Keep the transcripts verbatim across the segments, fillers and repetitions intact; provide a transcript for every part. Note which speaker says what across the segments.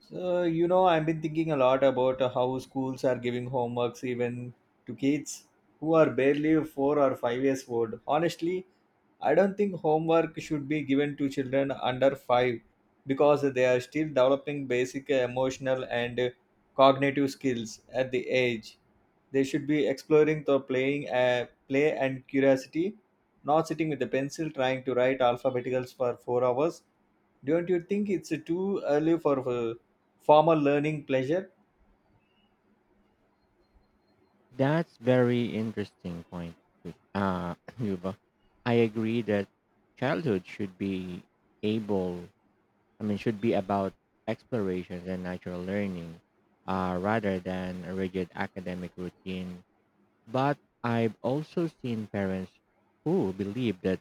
Speaker 1: So, you know, I've been thinking a lot about how schools are giving homeworks even to kids who are barely four or five years old. Honestly, I don't think homework should be given to children under five because they are still developing basic emotional and cognitive skills at the age. They should be exploring the playing uh, play and curiosity, not sitting with a pencil trying to write alphabeticals for 4 hours. Don't you think it's too early for uh, formal learning pleasure?
Speaker 2: That's very interesting point. Uh, Yuba. I agree that childhood should be able, I mean, should be about explorations and natural learning uh, rather than a rigid academic routine. But I've also seen parents who believe that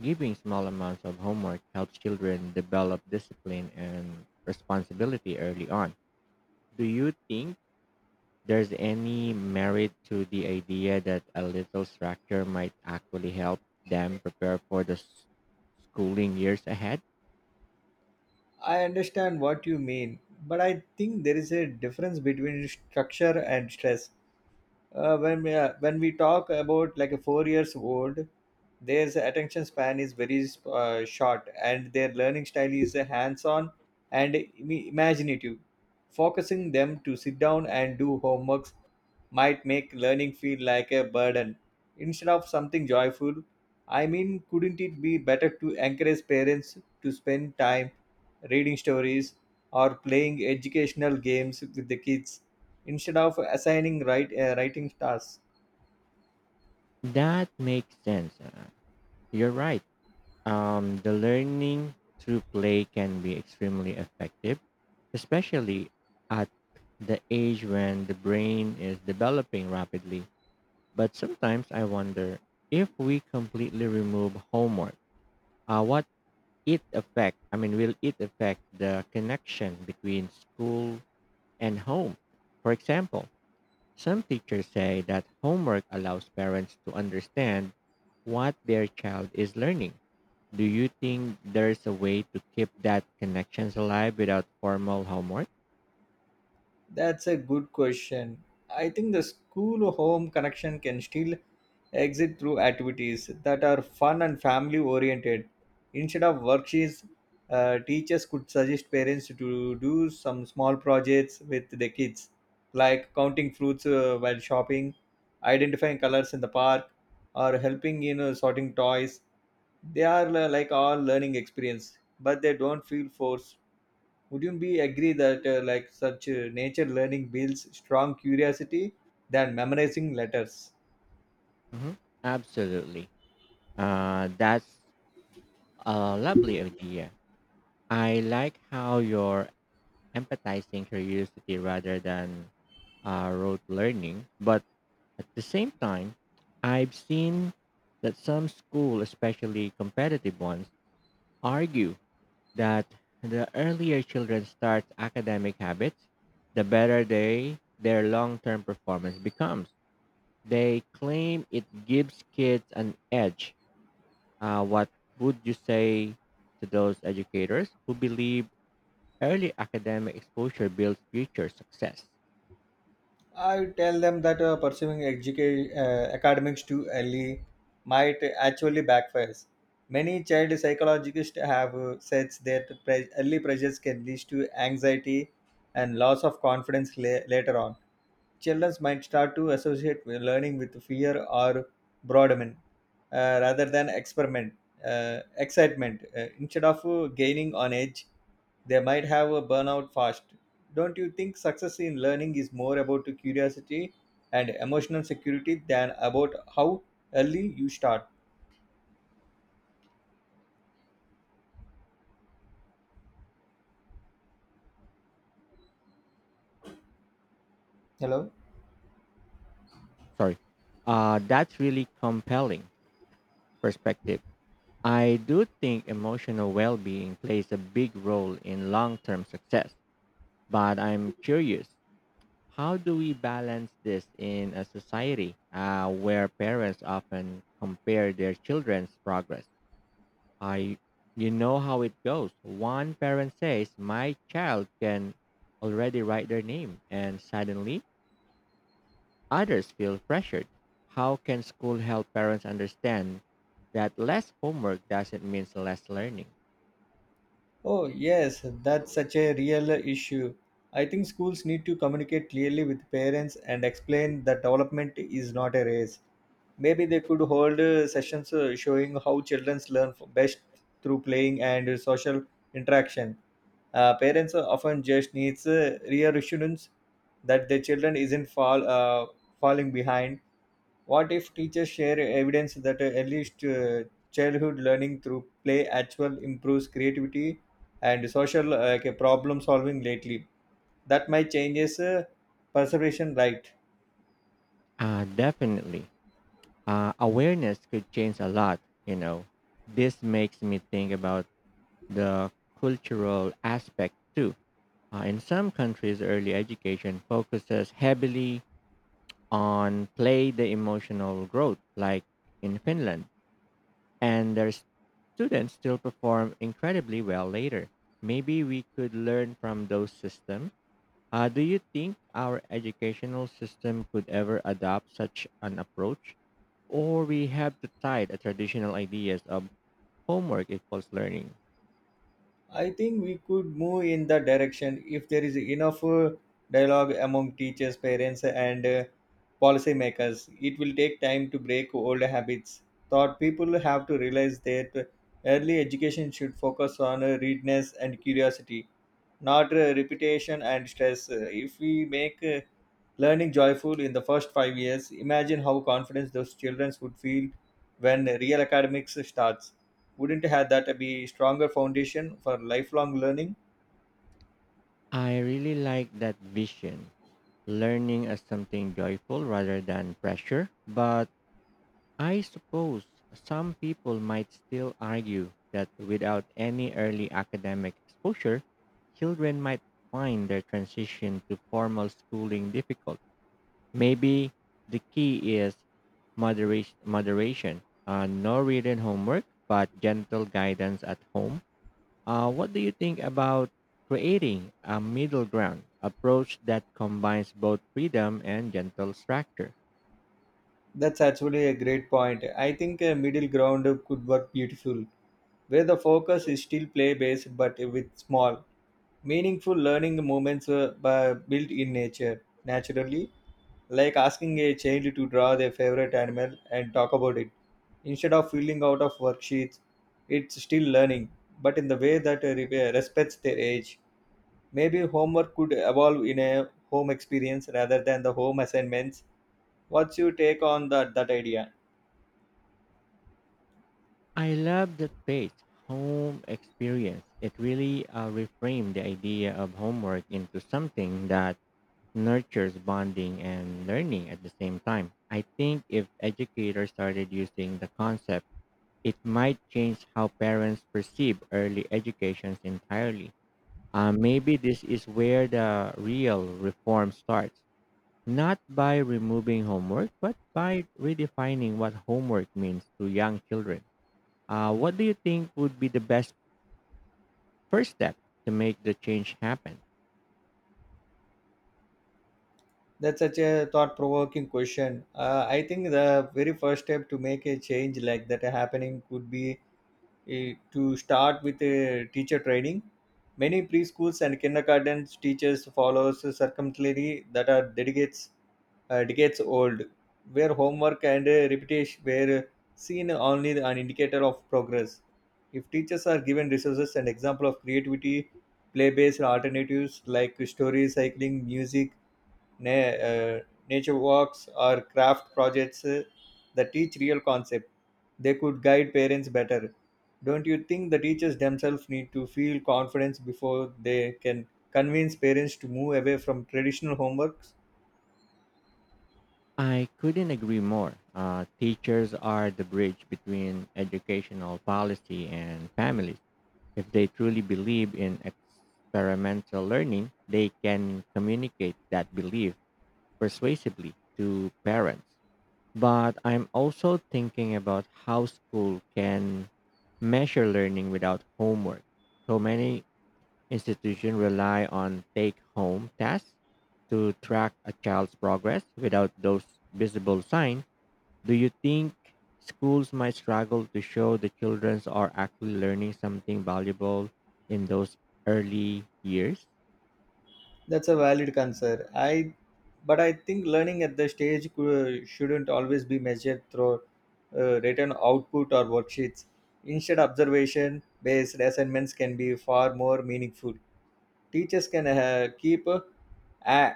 Speaker 2: giving small amounts of homework helps children develop discipline and responsibility early on. Do you think there's any merit to the idea that a little structure might actually help them prepare for the s- schooling years ahead?
Speaker 1: I understand what you mean, but I think there is a difference between structure and stress. uh, when we, uh, when we talk about like a four years old, their attention span is very uh, short, and their learning style is uh, hands on and im- imaginative. Focusing them to sit down and do homeworks might make learning feel like a burden instead of something joyful. I mean, couldn't it be better to encourage parents to spend time reading stories or playing educational games with the kids instead of assigning write, uh, writing tasks?
Speaker 2: That makes sense. Uh, You're right. Um, the learning through play can be extremely effective, especially at the age when the brain is developing rapidly. But sometimes I wonder if we completely remove homework, uh, what it affect, I mean, will it affect the connection between school and home? For example, some teachers say that homework allows parents to understand what their child is learning. Do you think there's a way to keep that connections alive without formal homework?
Speaker 1: That's a good question. I think the school home connection can still exit through activities that are fun and family oriented. Instead of worksheets, uh, teachers could suggest parents to do some small projects with their kids, like counting fruits uh, while shopping, identifying colors in the park, or helping in uh, sorting toys. They are uh, like all learning experience, but they don't feel forced. Would you be agree that uh, like such uh, nature learning builds strong curiosity than memorizing letters?
Speaker 2: Mhm. Absolutely. Uh, that's a lovely idea. I like how you're empathizing curiosity rather than uh, rote learning. But at the same time, I've seen that some schools, especially competitive ones, argue that the earlier children start academic habits, the better they their long-term performance becomes. They claim it gives kids an edge. Uh, what would you say to those educators who believe early academic exposure builds future success?
Speaker 1: I would tell them that uh, pursuing educa- uh, academics too early might actually backfire. Many child psychologists have uh, said that pre- early pressures can lead to anxiety and loss of confidence la- later on. Children might start to associate with learning with fear or boredom, uh, rather than experiment uh, excitement. Uh, instead of uh, gaining on edge, they might have a burnout fast. Don't you think success in learning is more about curiosity and emotional security than about how early you start? Hello?
Speaker 2: Sorry, uh, that's really compelling perspective. I do think emotional well being plays a big role in long term success, but I'm curious, how do we balance this in a society uh, where parents often compare their children's progress? I, you know how it goes. One parent says, "My child can already write their name," and suddenly others feel pressured. How can school help parents understand that less homework doesn't mean less learning?
Speaker 1: Oh, yes, that's such a real issue. I think schools need to communicate clearly with parents and explain that development is not a race. Maybe they could hold uh, sessions uh, showing how children learn f- best through playing and uh, social interaction. Uh, parents uh, often just needs uh, reassurance that their children isn't fall uh, falling behind. What if teachers share evidence that, uh, at least, uh, childhood learning through play actual improves creativity and social, uh, like, uh, problem solving lately? That might changes, uh, perception, right?
Speaker 2: Uh, definitely. Uh, awareness could change a lot, you know. This makes me think about the cultural aspect too. Uh, in some countries, early education focuses heavily on play the emotional growth, like in Finland, and their students still perform incredibly well later. Maybe we could learn from those systems. Uh, do you think our educational system could ever adopt such an approach? Or we have to tie the traditional ideas of homework equals learning.
Speaker 1: I think we could move in that direction if there is enough uh, dialogue among teachers, parents, and uh, policymakers. It will take time to break old habits. Thought people have to realize that early education should focus on uh, readiness and curiosity, not uh, repetition and stress. Uh, If we make uh, learning joyful in the first five years, imagine how confident those children would feel when real academics starts. Wouldn't have that be stronger foundation for lifelong learning?
Speaker 2: I really like that vision, learning as something joyful rather than pressure. But I suppose some people might still argue that without any early academic exposure, children might find their transition to formal schooling difficult. Maybe the key is moderation, moderation, uh, no written homework, but gentle guidance at home. Uh, what do you think about creating a middle ground approach that combines both freedom and gentle structure?
Speaker 1: That's actually a great point. I think a middle ground could work beautiful, where the focus is still play based but with small, meaningful learning moments, uh, bu- built in nature naturally, like asking a child to draw their favorite animal and talk about it instead of filling out of worksheets. It's still learning, but in the way that uh, re- uh, respects their age. Maybe homework could evolve in a home experience rather than the home assignments. What's your take on that that idea?
Speaker 2: I love that page, home experience. It really uh, reframed the idea of homework into something that nurtures bonding and learning at the same time. I think if educators started using the concept, it might change how parents perceive early educations entirely. Uh, maybe this is where the real reform starts, not by removing homework, but by redefining what homework means to young children. Uh, what do you think would be the best first step to make the change happen?
Speaker 1: That's such a thought-provoking question. uh, I think the very first step to make a change like that happening could be, Eh, to start with uh, teacher training. Many preschools and kindergartens teachers follows circumstantially that are dedicates uh, decades old, where homework and uh, repetition were seen only an indicator of progress. If teachers are given resources and example of creativity play based alternatives like story cycling music, na- uh, nature walks or craft projects uh, that teach real concepts, they could guide parents better. Don't you think the teachers themselves need to feel confidence before they can convince parents to move away from traditional homework?
Speaker 2: I couldn't agree more. Uh, teachers are the bridge between educational policy and families. If they truly believe in experimental learning, they can communicate that belief persuasively to parents. But I'm also thinking about how school can measure learning without homework. So many institutions rely on take home tasks to track a child's progress without those visible signs. Do you think schools might struggle to show the children are actually learning something valuable in those early years?
Speaker 1: That's a valid concern. I, but I think learning at the stage cou- shouldn't always be measured through uh, written output or worksheets. Instead, observation-based assignments can be far more meaningful. Teachers can uh, keep uh, a-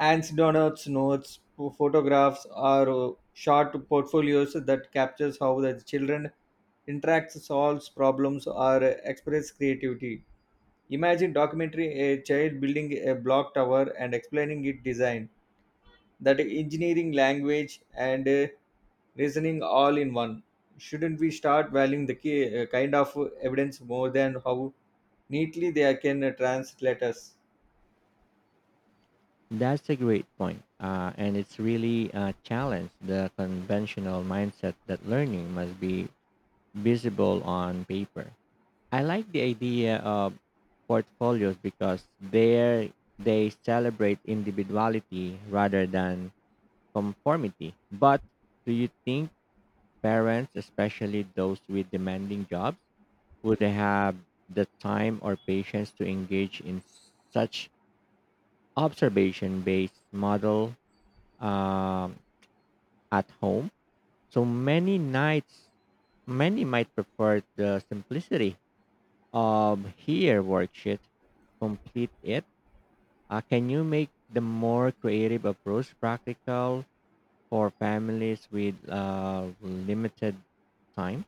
Speaker 1: hands donuts notes, photographs, or uh, short portfolios that captures how the children interacts, solves problems, or express creativity. Imagine documentary a child building a block tower and explaining its design, that engineering language and uh, reasoning all in one. Shouldn't we start valuing the ki- uh, kind of evidence more than how neatly they can uh, translate us?
Speaker 2: That's a great point. Uh, and it's really a challenge the conventional mindset that learning must be visible on paper. I like the idea of portfolios because there they celebrate individuality rather than conformity. But do you think parents, especially those with demanding jobs, would have the time or patience to engage in such observation based model? Um, at home. So many nights, many might prefer the simplicity of here worksheet. Complete it. Uh, can you make the more creative approach practical for families with uh, limited time?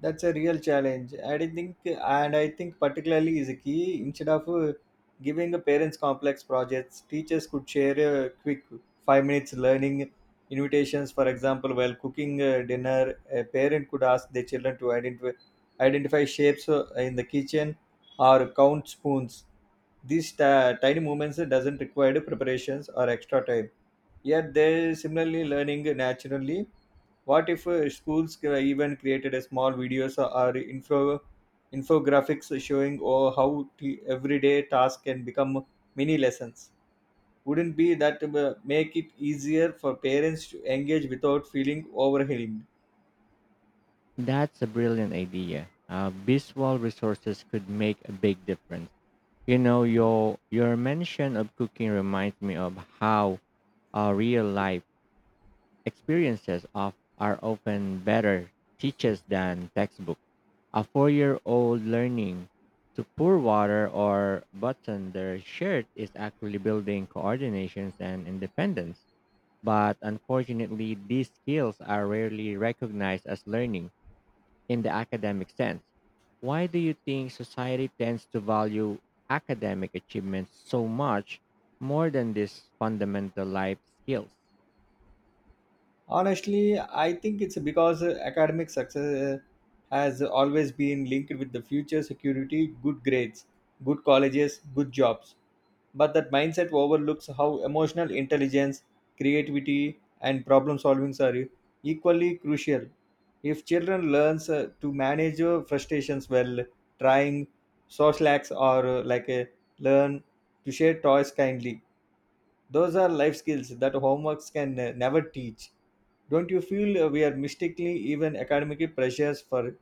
Speaker 1: That's a real challenge I didn't think. And I think particularly is a key. Instead of uh, giving the parents complex projects, teachers could share a quick five minutes learning invitations. For example, while cooking uh, dinner, a parent could ask their children to identify identify shapes uh, in the kitchen or count spoons. These ti- tiny movements doesn't require preparations or extra time, yet they similarly learning naturally. What if uh, schools cre- even created a small videos or info infographics showing or how t- everyday tasks can become mini lessons? Wouldn't be that uh, make it easier for parents to engage without feeling overwhelmed?
Speaker 2: That's a brilliant idea. Uh, visual resources could make a big difference. You know, your your mention of cooking reminds me of how uh, real life experiences of are often better teachers than textbooks. A four-year-old learning to pour water or button their shirt is actually building coordinations and independence. But unfortunately, these skills are rarely recognized as learning in the academic sense. Why do you think society tends to value academic achievements so much more than these fundamental life skills?
Speaker 1: Honestly, I think it's because uh, academic success uh, has always been linked with the future security, good grades, good colleges, good jobs. But that mindset overlooks how emotional intelligence, creativity, and problem solving are equally crucial. If children learns uh, to manage uh, frustrations while trying social acts or uh, like uh, learn to share toys kindly, those are life skills that homeworks can uh, never teach. Don't you feel uh, we are mistakenly even academic pressures for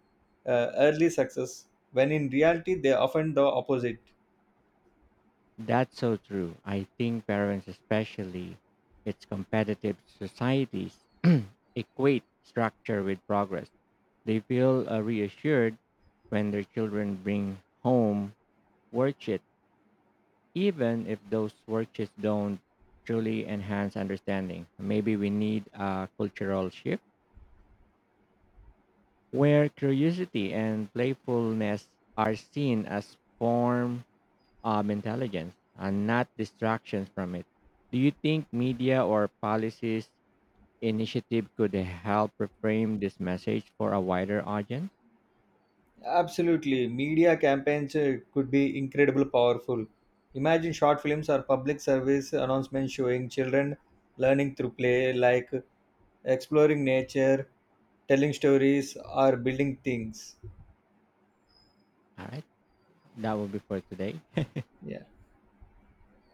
Speaker 1: uh, early success when in reality they are often the opposite?
Speaker 2: That's so true. I think parents, especially its competitive societies, equate structure with progress. They feel uh, reassured when their children bring home worksheets, even if those worksheets don't truly enhance understanding. Maybe we need a cultural shift where curiosity and playfulness are seen as form um, intelligence and not distractions from it. Do you think media or policies initiative could help reframe this message for a wider audience?
Speaker 1: Absolutely. Media campaigns uh, could be incredibly powerful. Imagine short films or public service announcements showing children learning through play, like exploring nature, telling stories, or building things.
Speaker 2: All right, that will be for today.
Speaker 1: Yeah.